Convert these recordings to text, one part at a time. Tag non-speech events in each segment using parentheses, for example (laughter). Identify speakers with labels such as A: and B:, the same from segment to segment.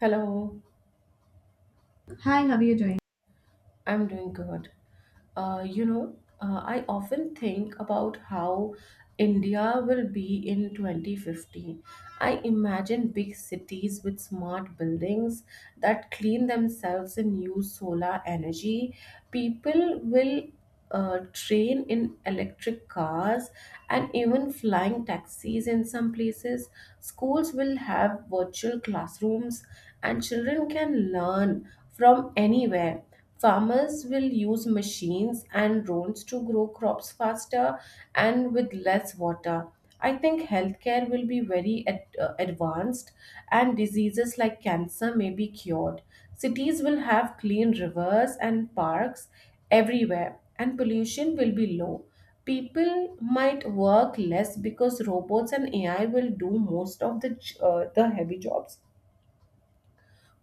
A: Hello.
B: Hi, how are you doing?
A: I'm doing good. Uh, you know, I often think about how India will be in 2050. I imagine big cities with smart buildings that clean themselves and use solar energy. People will train in electric cars and even flying taxis in some places. Schools will have virtual classrooms, and children can learn from anywhere. Farmers will use machines and drones to grow crops faster and with less water. I think healthcare will be very advanced, and diseases like cancer may be cured. Cities will have clean rivers and parks everywhere, and pollution will be low. People might work less because robots and AI will do most of the j- the heavy jobs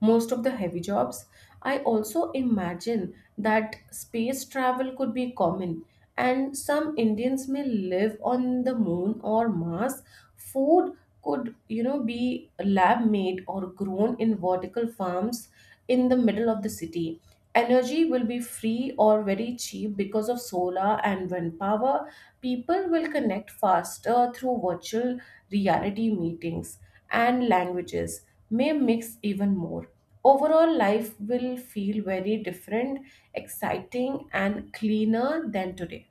A: most of the heavy jobs. I also imagine that space travel could be common, and some Indians may live on the moon or Mars. Food could, be lab made or grown in vertical farms in the middle of the city. Energy will be free or very cheap because of solar and wind power. People will connect faster through virtual reality meetings, and languages may mix even more. Overall, life will feel very different, exciting, and cleaner than today.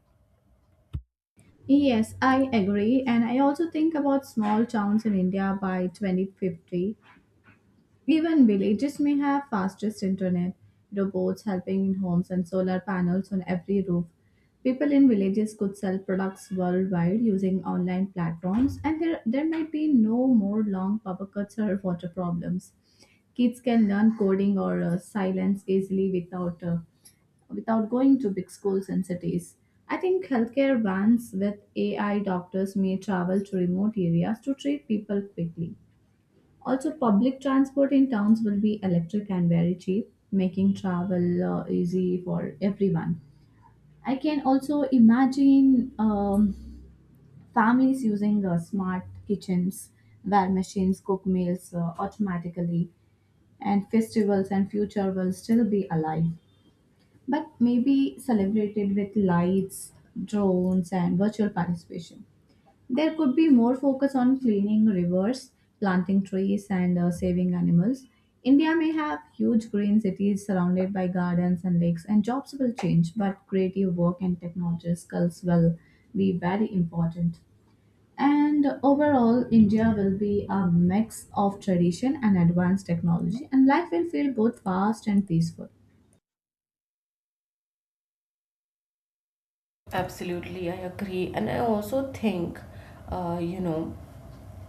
B: Yes, I agree. And I also think about small towns in India by 2050. Even villages may have fastest internet, robots helping in homes, and solar panels on every roof. People in villages could sell products worldwide using online platforms, and there might be no more long power cuts or water problems. Kids can learn coding or silence easily without without going to big schools and cities. I think healthcare vans with AI doctors may travel to remote areas to treat people quickly. Also, public transport in towns will be electric and very cheap, making travel easy for everyone. I can also imagine families using smart kitchens where machines cook meals automatically, and festivals and future will still be alive but maybe celebrated with lights, drones, and virtual participation. There could be more focus on cleaning rivers, planting trees, and saving animals. India may have huge green cities surrounded by gardens and lakes, and jobs will change, but creative work and technology skills will be very important. And overall, India will be a mix of tradition and advanced technology, and life will feel both fast and peaceful.
A: Absolutely, I agree. And I also think, uh, you know,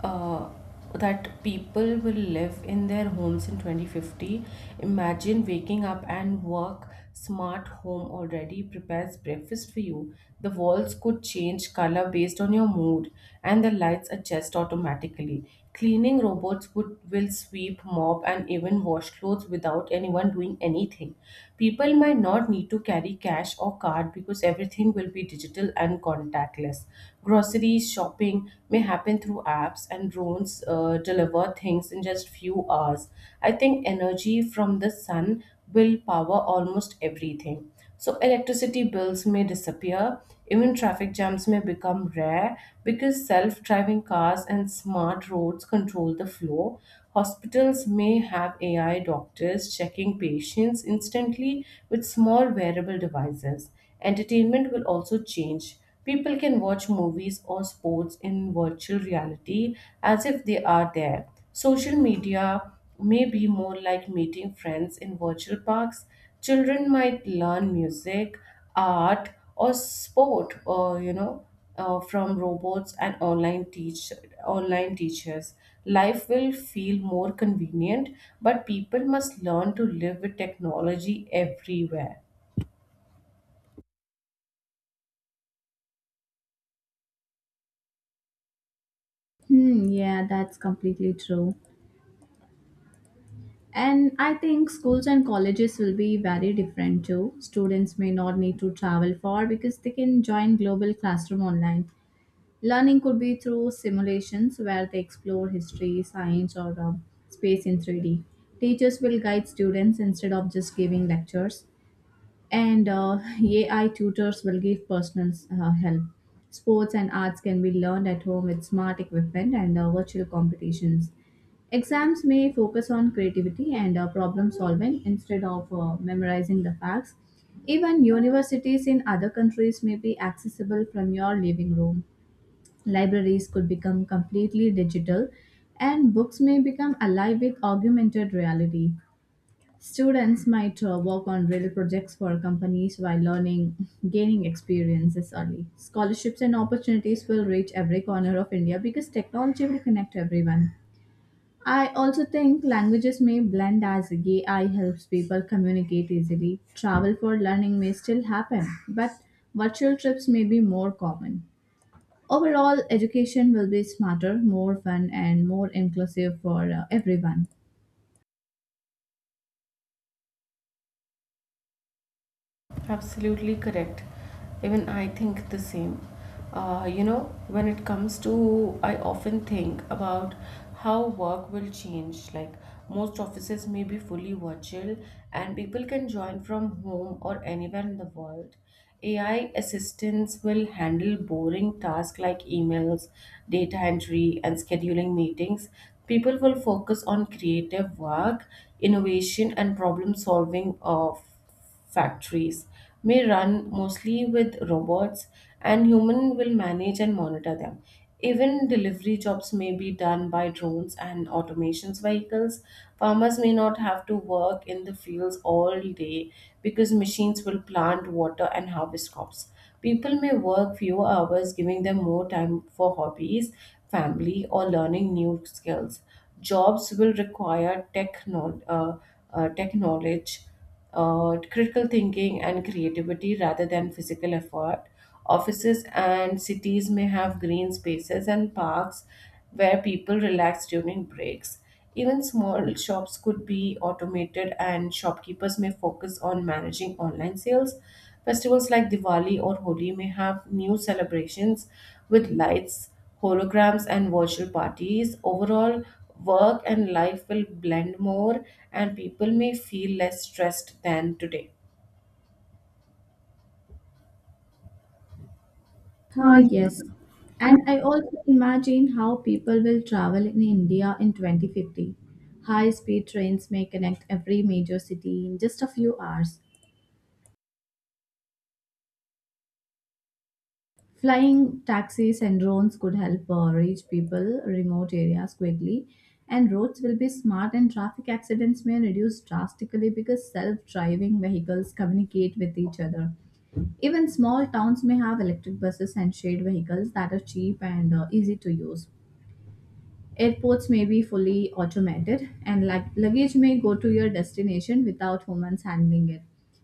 A: uh, that people will live in their homes in 2050. Imagine waking up and work smart home already prepares breakfast for you. The walls could change color based on your mood, and the lights adjust automatically. Cleaning robots would will sweep, mop, and even wash clothes without anyone doing anything. People might not need to carry cash or card because everything will be digital and contactless. Groceries shopping may happen through apps, and drones deliver things in just few hours. I think energy from the sun will power almost everything. So, electricity bills may disappear, even traffic jams may become rare because self driving cars and smart roads control the flow. Hospitals may have AI doctors checking patients instantly with small wearable devices. Entertainment will also change. People can watch movies or sports in virtual reality as if they are there. Social media may be more like meeting friends in virtual parks. Children might learn music, art, or sport, or from robots and online teachers. Life will feel more convenient, but people must learn to live with technology everywhere.
B: Hmm, yeah, that's completely true. And I think schools and colleges will be very different too. Students may not need to travel far because they can join Global Classroom online. Learning could be through simulations where they explore history, science, or space in 3D. Teachers will guide students instead of just giving lectures, and (laughs) AI tutors will give personal help. Sports and arts can be learned at home with smart equipment and virtual competitions. Exams may focus on creativity and problem solving instead of memorizing the facts. Even universities in other countries may be accessible from your living room. Libraries could become completely digital, and books may become alive with augmented reality. Students might work on real projects for companies while learning, gaining experiences early. Scholarships and opportunities will reach every corner of India because technology will connect everyone. I also think languages may blend as AI helps people communicate easily. Travel for learning may still happen, but virtual trips may be more common. Overall, education will be smarter, more fun, and more inclusive for everyone.
A: Absolutely correct. Even I think the same. When it comes to, I often think about how work will change. Like most offices may be fully virtual, and people can join from home or anywhere in the world. AI assistants will handle boring tasks like emails, data entry, and scheduling meetings. People will focus on creative work, innovation, and problem solving of factories may run mostly with robots, and human will manage and monitor them. Even delivery jobs may be done by drones and automations vehicles. Farmers may not have to work in the fields all day because machines will plant water and harvest crops. People may work fewer hours, giving them more time for hobbies, family, or learning new skills. Jobs will require tech knowledge, critical thinking, and creativity rather than physical effort. Offices and cities may have green spaces and parks where people relax during breaks. Even small shops could be automated, and shopkeepers may focus on managing online sales. Festivals like Diwali or Holi may have new celebrations with lights, holograms, and virtual parties. Overall, work and life will blend more, and people may feel less stressed than today.
B: Oh,
A: Uh,
B: yes. And I also imagine how people will travel in India in 2050. High speed trains may connect every major city in just a few hours. Flying taxis and drones could help reach people remote areas quickly and roads will be smart and traffic accidents may reduce drastically because self-driving vehicles communicate with each other. Even small towns may have electric buses and shared vehicles that are cheap and easy to use. Airports may be fully automated, and luggage may go to your destination without humans handling it.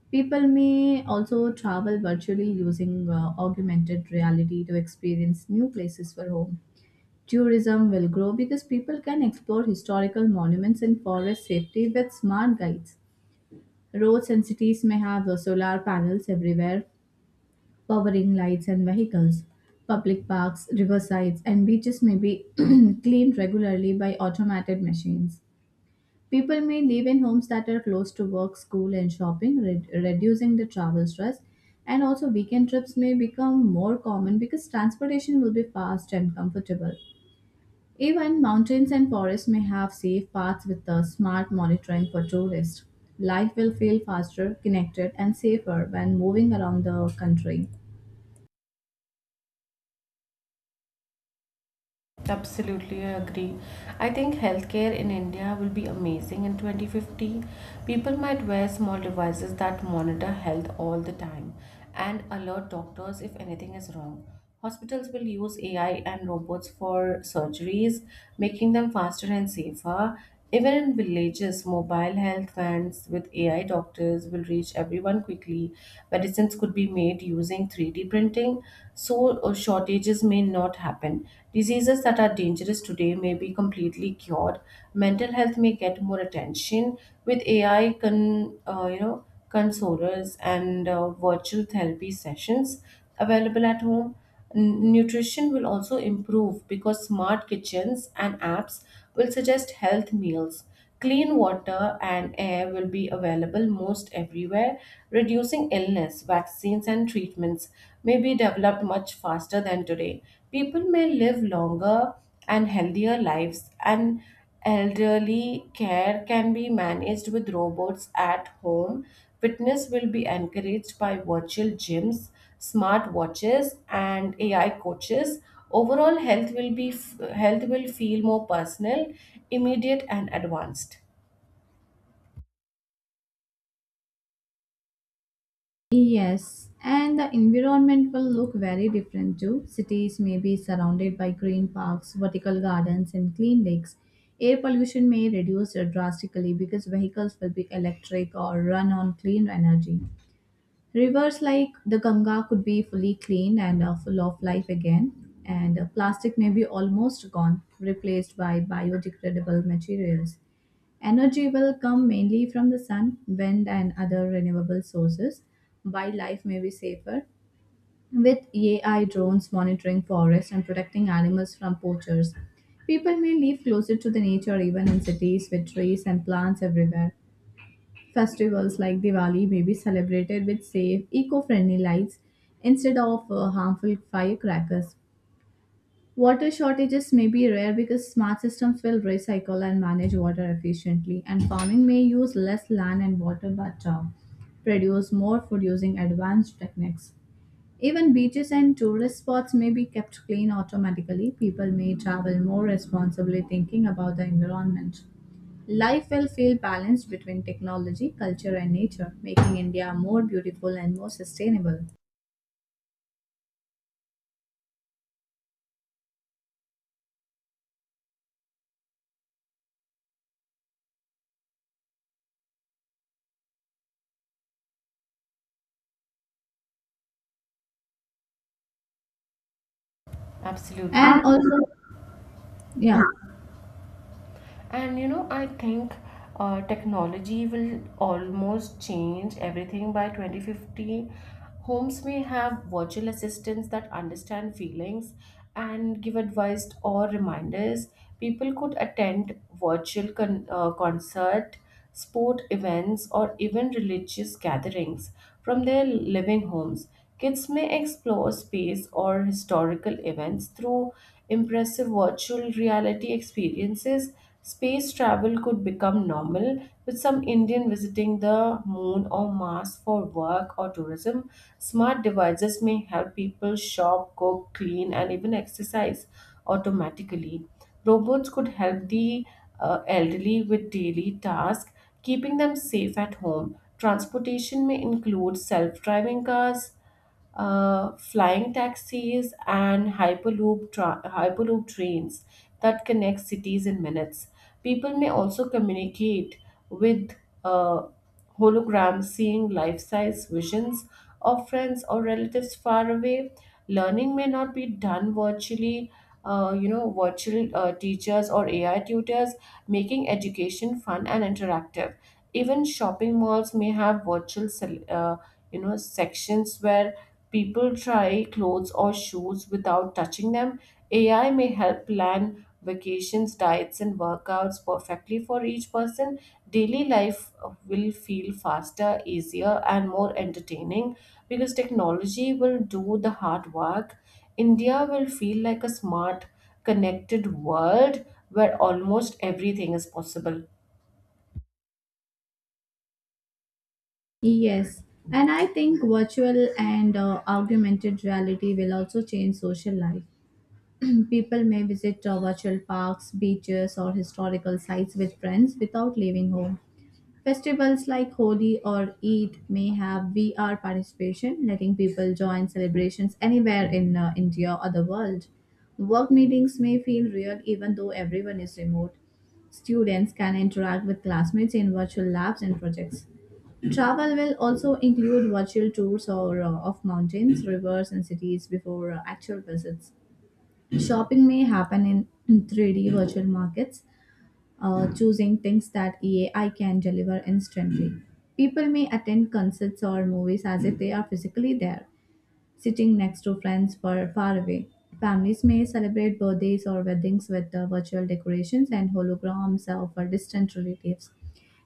B: People may also travel virtually using augmented reality to experience new places for home. Tourism will grow because people can explore historical monuments and forest safety with smart guides. Roads and cities may have solar panels everywhere, powering lights and vehicles. Public parks, riversides, and beaches may be (clears throat) cleaned regularly by automated machines. People may live in homes that are close to work, school, and shopping, reducing the travel stress. And also, weekend trips may become more common because transportation will be fast and comfortable. Even mountains and forests may have safe paths with the smart monitoring for tourists. Life will feel faster, connected, and safer when moving around the country.
A: Absolutely, I agree. I think healthcare in India will be amazing in 2050. People might wear small devices that monitor health all the time and alert doctors if anything is wrong. Hospitals will use AI and robots for surgeries, making them faster and safer. Even in villages, mobile health vans with AI doctors will reach everyone quickly. Medicines could be made using 3D printing, so shortages may not happen. Diseases that are dangerous today may be completely cured. Mental health may get more attention with AI consolers and virtual therapy sessions available at home. Nutrition will also improve because smart kitchens and apps will suggest health meals. Clean water and air will be available most everywhere, reducing illness. Vaccines and treatments may be developed much faster than today. People may live longer and healthier lives, and elderly care can be managed with robots at home. Fitness will be encouraged by virtual gyms, smart watches, and AI coaches. Overall, health will feel more personal, immediate, and advanced.
B: Yes, and the environment will look very different too. Cities may be surrounded by green parks, vertical gardens, and clean lakes. Air pollution may reduce drastically because vehicles will be electric or run on clean energy. Rivers like the Ganga could be fully clean and full of life again, and plastic may be almost gone, replaced by biodegradable materials. Energy will come mainly from the sun, wind, and other renewable sources. Wildlife may be safer with AI drones monitoring forests and protecting animals from poachers. People may live closer to the nature even in cities with trees and plants everywhere. Festivals like Diwali may be celebrated with safe, eco friendly lights instead of harmful firecrackers. Water shortages may be rare because smart systems will recycle and manage water efficiently, and farming may use less land and water but produce more food using advanced techniques. Even beaches and tourist spots may be kept clean automatically. People may travel more responsibly, thinking about the environment. Life will feel balanced between technology, culture, and nature, making India more beautiful and more sustainable.
A: Absolutely. And
B: And also,
A: yeah,
B: yeah.
A: and I think technology will almost change everything by 2050. Homes may have virtual assistants that understand feelings and give advice or reminders. People could attend virtual concert, sport events, or even religious gatherings from their living homes. Kids may explore space or historical events through impressive virtual reality experiences. Space travel could become normal, with some Indian visiting the moon or Mars for work or tourism. Smart devices may help people shop, cook, clean, and even exercise automatically. Robots could help the elderly with daily tasks, keeping them safe at home. Transportation may include self driving cars, flying taxis, and hyperloop trains that connect cities in minutes. People may also communicate with uh, holograms, seeing life-size visions of friends or relatives far away. Learning may not be done virtually. Virtual teachers or AI tutors making education fun and interactive. Even shopping malls may have virtual sections where people try clothes or shoes without touching them. AI may help plan vacations, diets, and workouts perfectly for each person. Daily life will feel faster, easier, and more entertaining because technology will do the hard work. India will feel like a smart, connected world where almost everything is possible.
B: Yes, and I think virtual and augmented reality will also change social life. People may visit virtual parks, beaches, or historical sites with friends without leaving home. Festivals like Holi or Eid may have VR participation, letting people join celebrations anywhere in India or the world. Work meetings may feel real even though everyone is remote. Students can interact with classmates in virtual labs and projects. Travel will also include virtual tours or of mountains, rivers, and cities before actual visits. Shopping may happen in 3D virtual markets, choosing things that AI can deliver instantly. People may attend concerts or movies as if they are physically there sitting next to friends far away Families may celebrate birthdays or weddings with virtual decorations and holograms of our distant relatives.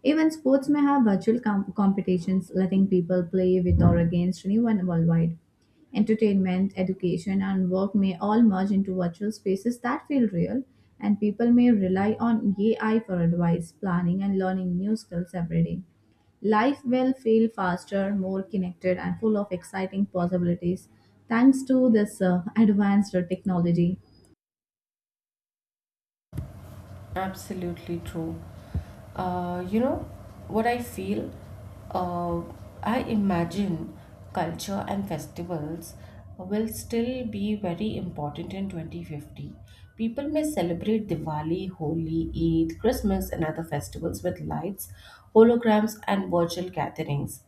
B: Even sports may have virtual com- competitions, letting people play with or against anyone worldwide. Entertainment, education, and work may all merge into virtual spaces that feel real, and people may rely on AI for advice, planning, and learning new skills every day. Life will feel faster, more connected, and full of exciting possibilities thanks to this advanced technology.
A: Absolutely true. Uh, you know what I feel? Uh, I imagine culture and festivals will still be very important in 2050. People may celebrate Diwali, Holi, Eid, Christmas, and other festivals with lights, holograms, and virtual gatherings.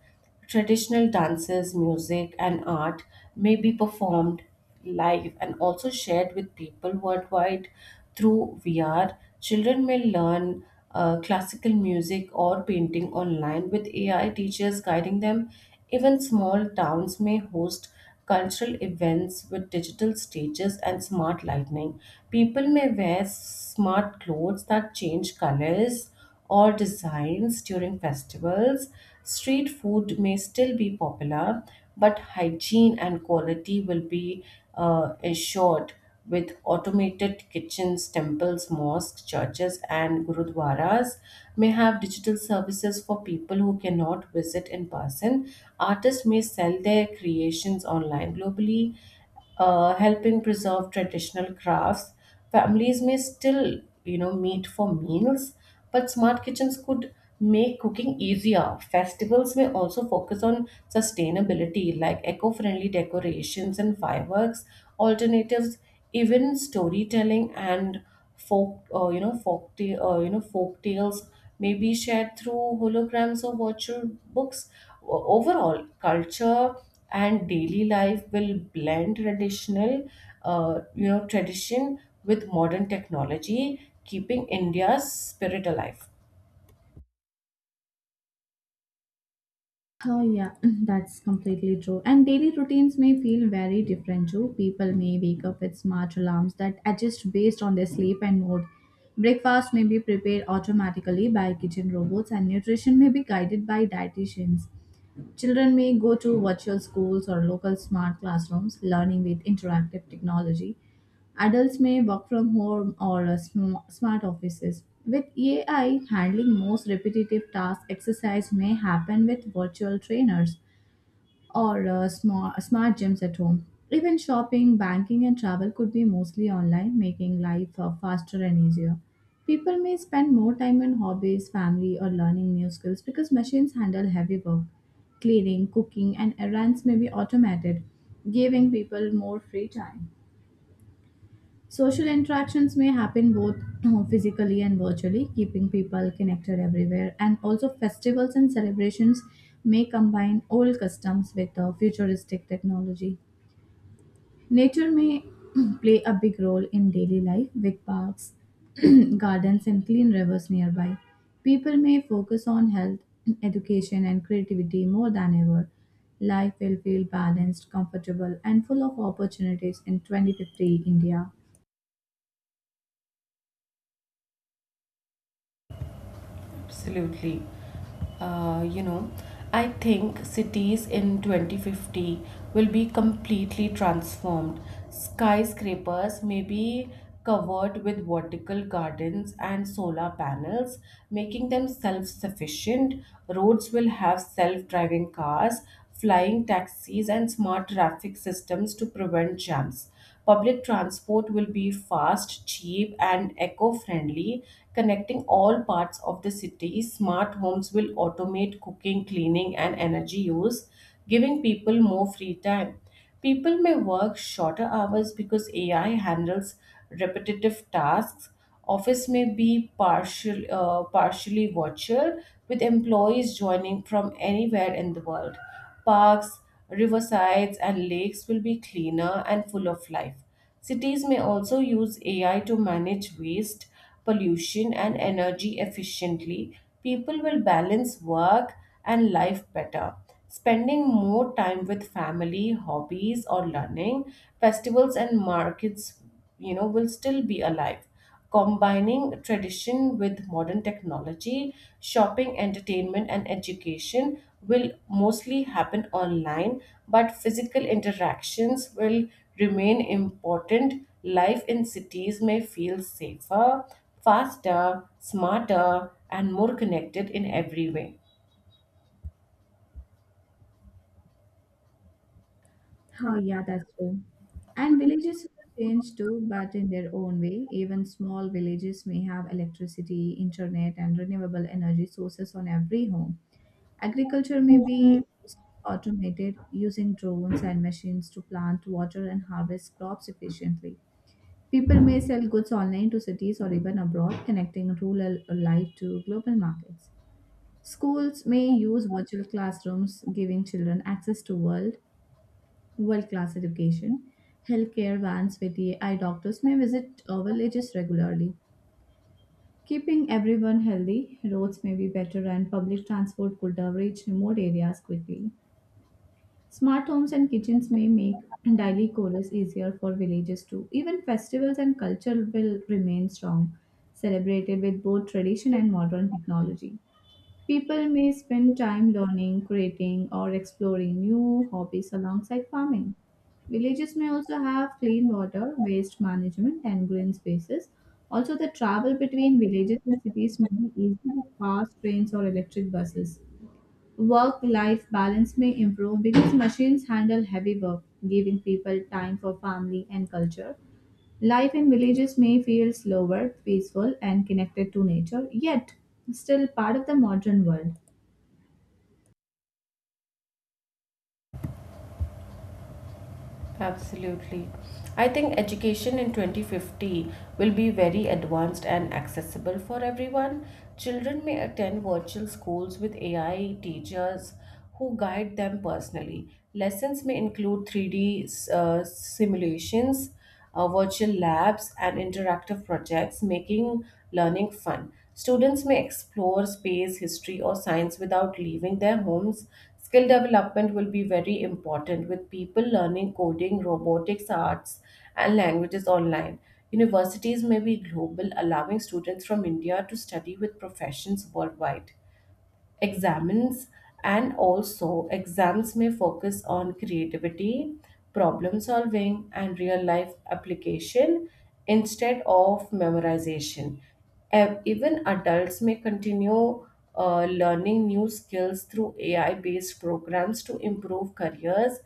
A: Traditional dances, music, and art may be performed live and also shared with people worldwide through VR. Children may learn classical music or painting online with AI teachers guiding them. Even small towns may host cultural events with digital stages and smart lighting. People may wear smart clothes that change colors or designs during festivals. Street food may still be popular, but hygiene and quality will be assured with automated kitchens. Temples, mosques, churches, and gurudwaras may have digital services for people who cannot visit in person. Artists may sell their creations online globally, helping preserve traditional crafts. Families may still, meet for meals, but smart kitchens could make cooking easier. Festivals may also focus on sustainability, like eco-friendly decorations and fireworks alternatives. Even storytelling and folk, you know, folk, ta- you know, folk tales may be shared through holograms or virtual books. Overall, culture and daily life will blend traditional you know tradition with modern technology, keeping India's spirit alive.
B: Oh, yeah, (laughs) (clears throat) that's completely true. And daily routines may feel very different too. People may wake up with smart alarms that adjust based on their sleep and mood. Breakfast may be prepared automatically by kitchen robots, and nutrition may be guided by dietitians. Children may go to virtual schools or local smart classrooms, learning with interactive technology. Adults may work from home or sm- smart offices. With AI handling most repetitive tasks, exercise may happen with virtual trainers or smart, smart gyms at home. Even shopping, banking, and travel could be mostly online, making life faster and easier. People may spend more time on hobbies, family, or learning new skills because machines handle heavy work. Cleaning, cooking, and errands may be automated, giving people more free time. Social interactions may happen both (clears throat) physically and virtually, keeping people connected everywhere. And also, festivals and celebrations may combine old customs with futuristic technology. Nature may (clears throat) play a big role in daily life with parks, (clears throat) gardens, and clean rivers nearby. People may focus on health, (clears throat) education, and creativity more than ever. Life will feel balanced, comfortable, and full of opportunities in 2050 India.
A: Absolutely. Uh, you know, I think cities in 2050 will be completely transformed. Skyscrapers may be covered with vertical gardens and solar panels, making them self sufficient. Roads will have self driving cars, flying taxis, and smart traffic systems to prevent jams. Public transport will be fast, cheap, and eco friendly, connecting all parts of the city. Smart homes will automate cooking, cleaning, and energy use, giving people more free time. People may work shorter hours because AI handles repetitive tasks. Office may be partially virtual, with employees joining from anywhere in the world. Parks, riversides, and lakes will be cleaner and full of life. Cities may also use AI to manage waste, pollution, and energy efficiently. People will balance work and life better, spending more time with family, hobbies, or learning. Festivals and markets, will still be alive, combining tradition with modern technology. Shopping, entertainment, and education will mostly happen online, but physical interactions will remain important. Life in cities may feel safer, faster, smarter, and more connected in every way.
B: Oh, yeah, that's true. And villages will change too, but in their own way. Even small villages may have electricity, internet, and renewable energy sources on every home. Agriculture may be automated using drones and machines to plant, water, and harvest crops efficiently. People may sell goods online to cities or even abroad, connecting rural life to global markets. Schools may use virtual classrooms, giving children access to world world class education, healthcare vans with AI doctors may visit villages regularly. Keeping everyone healthy, roads may be better and public transport could reach remote areas quickly. Smart homes and kitchens may make daily chores easier for villages too. Even festivals and culture will remain strong, celebrated with both tradition and modern technology. People may spend time learning, creating, or exploring new hobbies alongside farming. Villages may also have clean water, waste management, and green spaces. Also, the travel between villages and cities may be easy with fast trains or electric buses. Work life balance may improve because machines handle heavy work, giving people time for family and culture. Life in villages may feel slower, peaceful, and connected to nature, yet still part of the modern world.
A: Absolutely. I think education in 2050 will be very advanced and accessible for everyone. Children may attend virtual schools with AI teachers who guide them personally. Lessons may include 3D simulations, virtual labs, and interactive projects, making learning fun. Students may explore space, history, or science without leaving their homes. Skill development will be very important, with people learning coding, robotics, arts, and languages online. Universities may be global, allowing students from India to study with professions worldwide examines, and also exams may focus on creativity, problem solving, and real life application instead of memorization. Even adults may continue learning new skills through ai based programs to improve careers.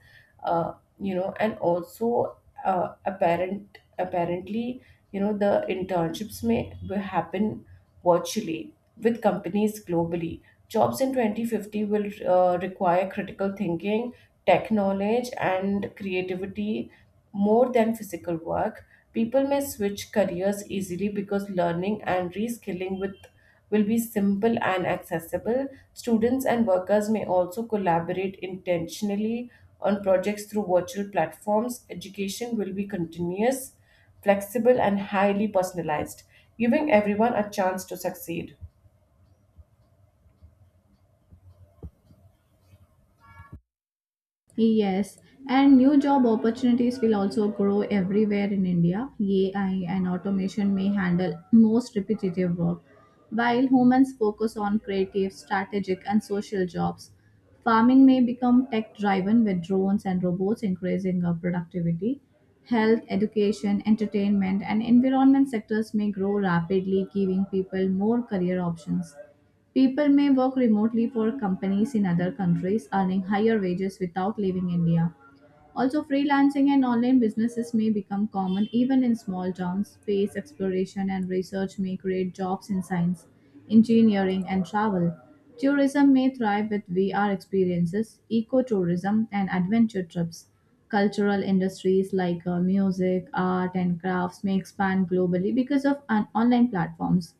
A: uh, and also apparently the internships may happen virtually with companies globally. Jobs in 2050 will require critical thinking, tech knowledge, and creativity more than physical work. People may switch careers easily because learning and reskilling with will be simple and accessible. Students and workers may also collaborate intentionally on projects through virtual platforms. Education will be continuous, flexible, and highly personalized, giving everyone a chance to succeed.
B: Yes, and new job opportunities will also grow everywhere in India. AI and automation may handle most repetitive work, while humans focus on creative, strategic, and social jobs. Farming may become tech driven with drones and robots increasing our productivity. Health, education, entertainment, and environment sectors may grow rapidly, giving people more career options. People may work remotely for companies in other countries, earning higher wages without leaving India. Also, freelancing and online businesses may become common even in small towns. Space exploration and research may create jobs in science, engineering, and travel. Tourism may thrive with VR experiences, ecotourism, and adventure trips. Cultural industries like music, art, and crafts may expand globally because of an online platforms.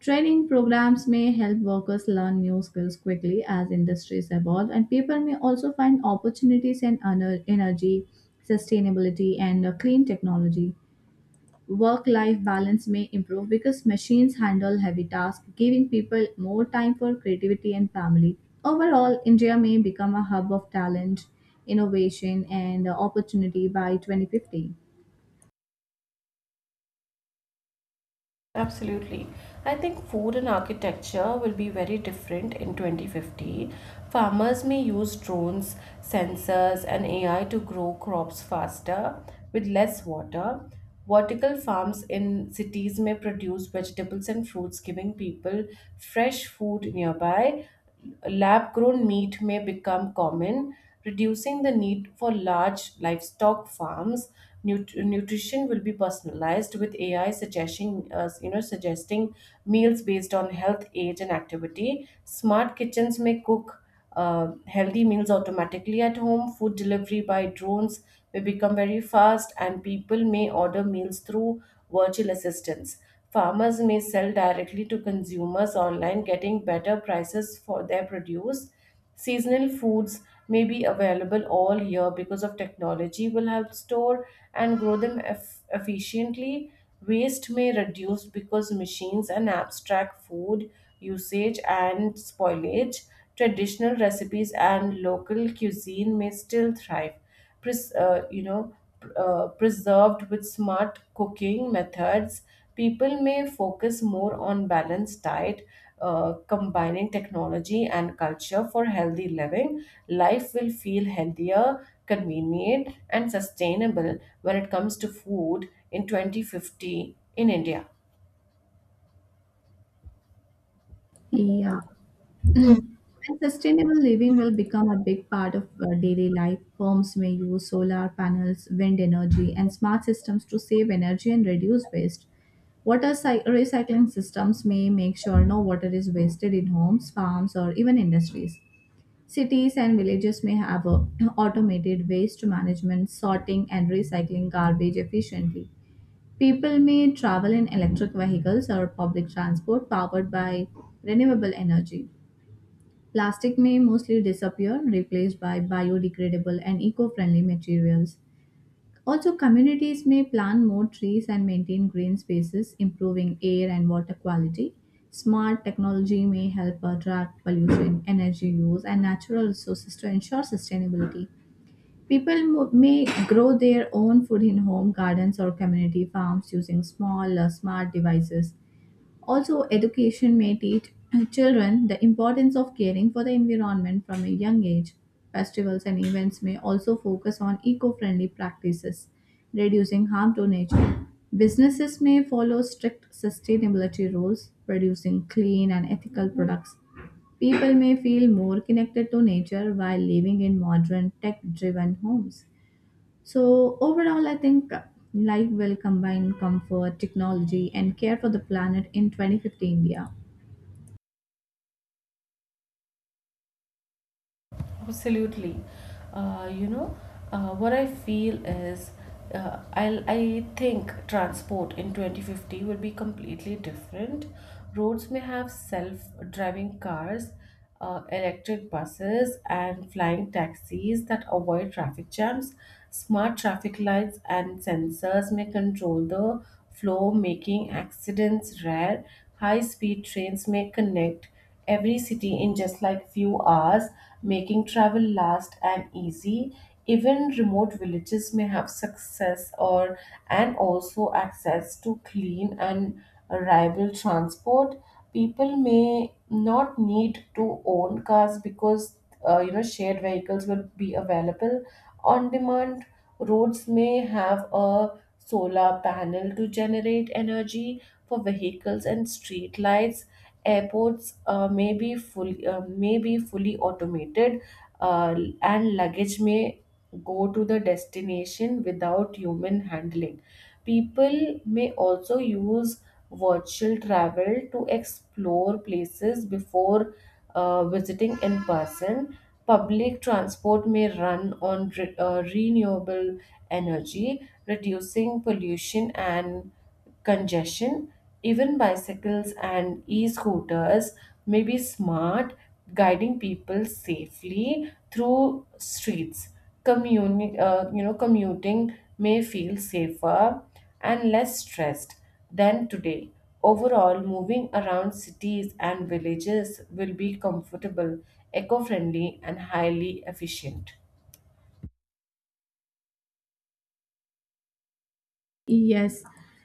B: Training programs may help workers learn new skills quickly as industries evolve, and people may also find opportunities in energy, sustainability, and clean technology. Work life balance may improve because machines handle heavy tasks, giving people more time for creativity and family. Overall, India may become a hub of talent, innovation, and opportunity by 2050.
A: Absolutely. I think food and architecture will be very different in 2050. Farmers may use drones, sensors, and AI to grow crops faster with less water. Vertical farms in cities may produce vegetables and fruits, giving people fresh food nearby. Lab grown meat may become common, reducing the need for large livestock farms. Nutrition will be personalized with AI suggesting meals based on health, age, and activity. Smart kitchens may cook healthy meals automatically at home. Food delivery by drones may become very fast, and people may order meals through virtual assistants. Farmers may sell directly to consumers online, getting better prices for their produce. Seasonal foods may be available all year because of technology will help store and grow them efficiently. Waste may reduce because machines and apps track food usage and spoilage. Traditional recipes and local cuisine may still thrive. Pres- uh, you know, preserved with smart cooking methods, people may focus more on balanced diet, combining technology and culture for healthy living. Life will feel healthier, convenient, and sustainable when it comes to food in 2050 in India.
B: Yeah. And sustainable living will become a big part of daily life. Homes may use solar panels, wind energy, and smart systems to save energy and reduce waste. Recycling systems may make sure no water is wasted in homes, farms, or even industries. Cities and villages may have a (clears throat) automated waste management, sorting, and recycling garbage efficiently. People may travel in electric vehicles or public transport powered by renewable energy. Plastic may mostly disappear, replaced by biodegradable and eco friendly materials. Also, communities may plant more trees and maintain green spaces, improving air and water quality. Smart technology may help attract pollution, energy use, and natural resources to ensure sustainability. May grow their own food in home gardens or community farms using small, smart devices. Also, education may teach (clears throat) children the importance of caring for the environment from a young age. Festivals and events may also focus on eco friendly practices, reducing harm to nature. Businesses may follow strict sustainability rules, producing clean and ethical products. People may feel more connected to nature while living in modern tech driven homes. So, overall, I think life will combine comfort, technology, and care for the planet in 2050 India.
A: Absolutely. Uh, you know, what I feel is I think transport in 2050 will be completely different. Roads may have self-driving cars, electric buses, and flying taxis that avoid traffic jams. Smart traffic lights and sensors may control the flow, making accidents rare. High-speed trains may connect every city in just like few hours, making travel last and easy. Even remote villages may have success or and also access to clean and reliable transport. People may not need to own cars because shared vehicles will be available on demand. Roads may have a solar panel to generate energy for vehicles and street lights. Airports may be fully automated, uh, and luggage may go to the destination without human handling. People may also use virtual travel to explore places before visiting in person. Public transport may run on renewable energy, reducing pollution and congestion. Even bicycles and e scooters may be smart, guiding people safely through streets. Commuting may feel safer and less stressed than today. Overall, moving around cities and villages will be comfortable, eco friendly, and highly efficient.
B: Yes,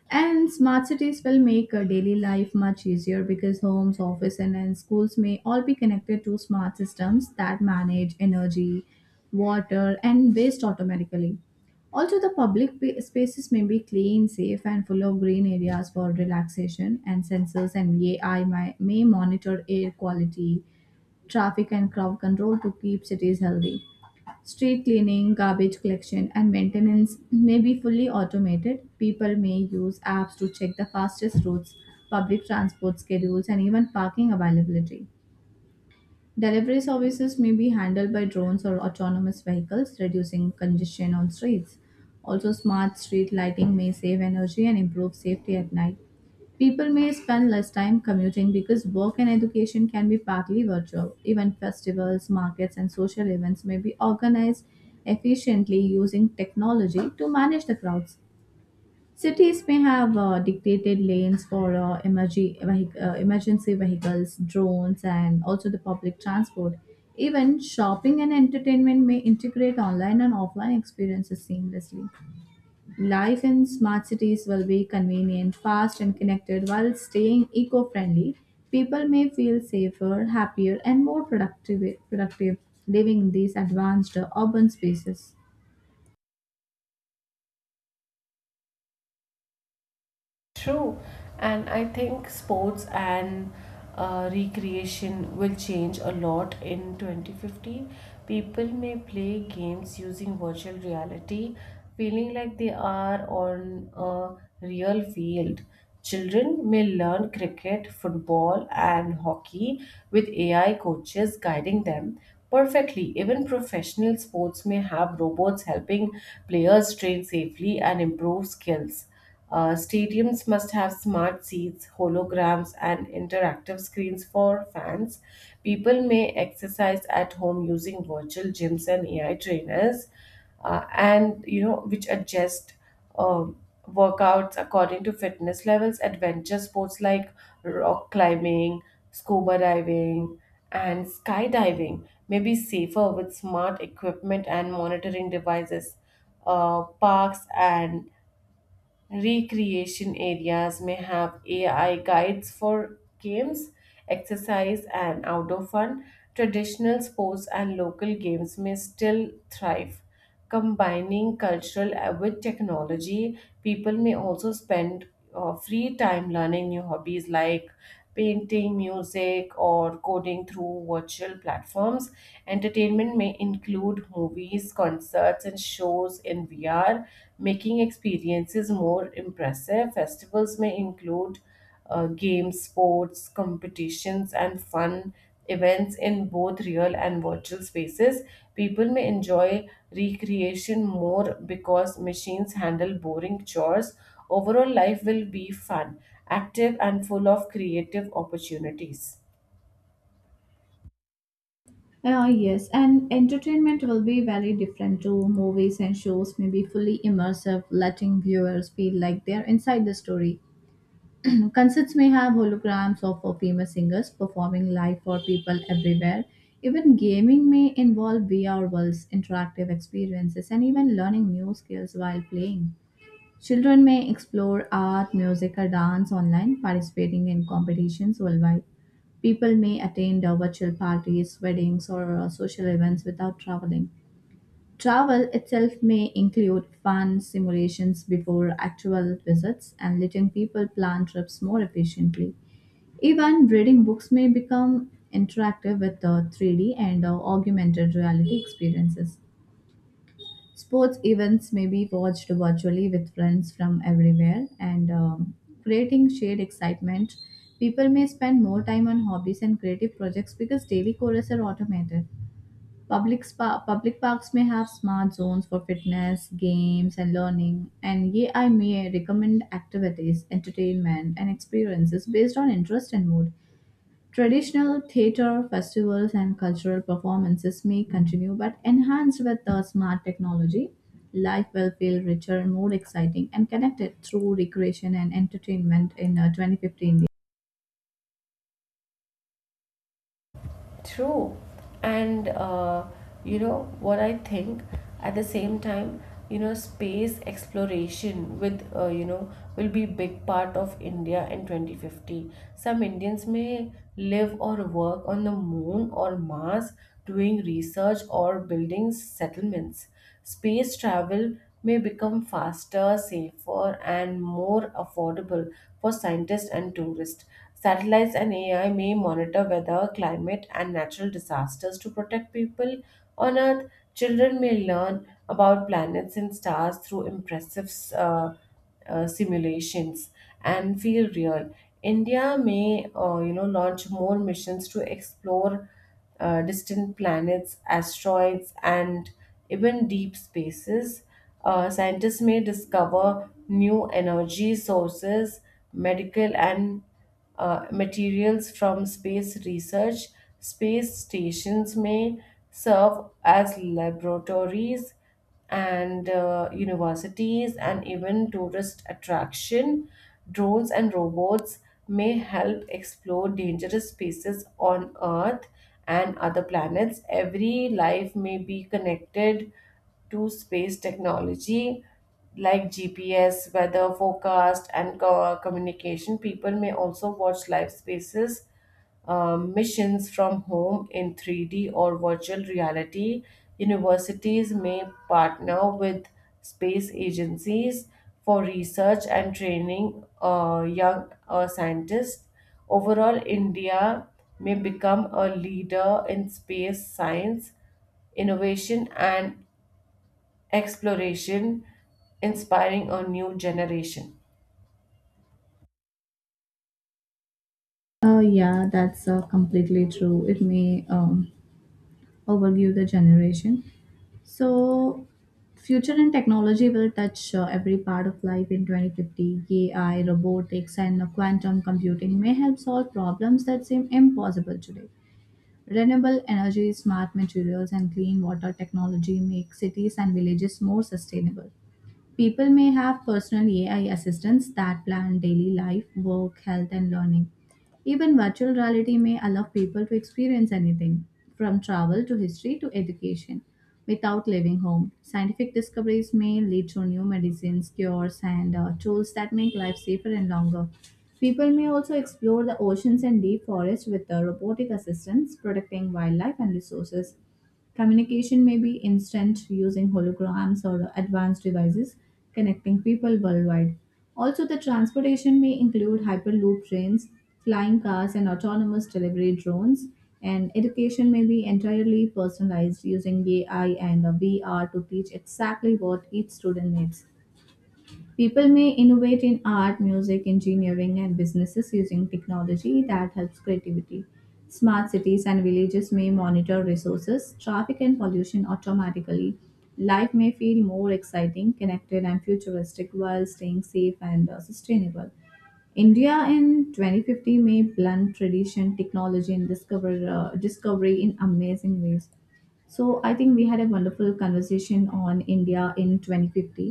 B: and smart cities will make daily life much easier because homes, office, and schools may all be connected to smart systems that manage energy, water, and waste automatically. Also, the spaces may be clean, safe, and full of green areas for relaxation, and sensors and AI may monitor air quality, traffic, and crowd control to keep cities healthy. Street cleaning, garbage collection, and maintenance may be fully automated. People may use apps to check the fastest routes, public transport schedules, and even parking availability. Delivery services may be handled by drones or autonomous vehicles, reducing congestion on streets. Also, smart street lighting may save energy and improve safety at night. People may spend less time commuting because work and education can be partly virtual. Even festivals, markets, and social events may be organized efficiently using technology to manage the crowds. Cities may have dictated lanes for emergency vehicles, drones, and also the public transport. Even shopping and entertainment may integrate online and offline experiences seamlessly. Life in smart cities will be convenient, fast, and connected while staying eco friendly. People may feel safer, happier, and more productive living in these advanced urban spaces.
A: True, and I think sports and recreation will change a lot in 2050. People may play games using virtual reality, feeling like they are on a real field. Children may learn cricket, football, and hockey with AI coaches guiding them perfectly. Even professional sports may have robots helping players train safely and improve skills. Stadiums must have smart seats, holograms, and interactive screens for fans. People may exercise at home using virtual gyms and AI trainers, and you know which adjust um, workouts according to fitness levels. Adventure sports like rock climbing, scuba diving, and skydiving may be safer with smart equipment and monitoring devices. Parks and recreation areas may have AI guides for games, exercise, and outdoor fun. Traditional sports and local games may still thrive. Combining cultural with technology, people may also spend free time learning new hobbies like painting, music, or coding through virtual platforms. Entertainment may include movies, concerts, and shows in VR, making experiences more impressive. Festivals may include games, sports, competitions, and fun events in both real and virtual spaces. People may enjoy recreation more because machines handle boring chores. Overall, life will be fun, active, and full of creative opportunities.
B: Ah yes, and entertainment will be very different too. Movies and shows may be fully immersive, letting viewers feel like they're inside the story. Concerts may have holograms of famous singers performing live for people everywhere. Even gaming may involve VR worlds, interactive experiences, and even learning new skills while playing. Children may explore art, music, or dance online, participating in competitions worldwide. People may attend virtual parties, weddings, or social events without traveling. Travel itself may include fun simulations before actual visits and letting people plan trips more efficiently. Even reading books may become interactive with the 3D and augmented reality experiences. Sports events may be watched virtually with friends from everywhere and creating shared excitement. People may spend more time on hobbies and creative projects because daily chores are automated. Public parks may have smart zones for fitness, games, and learning, and AI may recommend activities, entertainment, and experiences based on interest and mood. Traditional theater festivals and cultural performances may continue, but enhanced with the smart technology, life will feel richer and more exciting and connected through recreation and entertainment in 2015.
A: True. And you know what I think at the same time, space exploration with will be big part of India in 2050. Some Indians may live or work on the moon or Mars, doing research or building settlements. Space travel may become faster, safer, and more affordable for scientists and tourists. Satellites and AI may monitor weather, climate, and natural disasters to protect people on Earth. Children may learn about planets and stars through impressive simulations and feel real. India may, launch more missions to explore distant planets, asteroids, and even deep spaces. Scientists may discover new energy sources, medical, and materials from space research. Space stations may serve as laboratories and universities and even tourist attraction. Drones and robots may help explore dangerous spaces on Earth and other planets. Every life may be connected to space technology like GPS, weather forecast, and communication. People may also watch live spaces missions from home in 3D or virtual reality. Universities may partner with space agencies for research and training young scientists. Overall, India may become a leader in space science, innovation, and exploration, inspiring a new generation.
B: Yeah, that's completely true. It may. Overview the generation. So, future and technology will touch every part of life in 2050. AI, robotics, and quantum computing may help solve problems that seem impossible today. Renewable energy, smart materials, and clean water technology make cities and villages more sustainable. People may have personal AI assistants that plan daily life, work, health, and learning. Even virtual reality may allow people to experience anything, from travel to history to education, without leaving home. Scientific discoveries may lead to new medicines, cures, and tools that make life safer and longer. People may also explore the oceans and deep forests with robotic assistants, protecting wildlife and resources. Communication may be instant using holograms or advanced devices connecting people worldwide. Also, the transportation may include hyperloop trains, flying cars, and autonomous delivery drones. And education may be entirely personalized using AI and VR to teach exactly what each student needs. People may innovate in art, music, engineering, and businesses using technology that helps creativity. Smart cities and villages may monitor resources, traffic, and pollution automatically. Life may feel more exciting, connected, and futuristic while staying safe and sustainable. India in 2050 may blend tradition, technology, and discovery in amazing ways. So I think we had a wonderful conversation on India in 2050.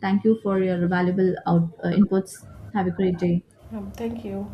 B: Thank you for your valuable inputs. Have a great day.
A: Thank you.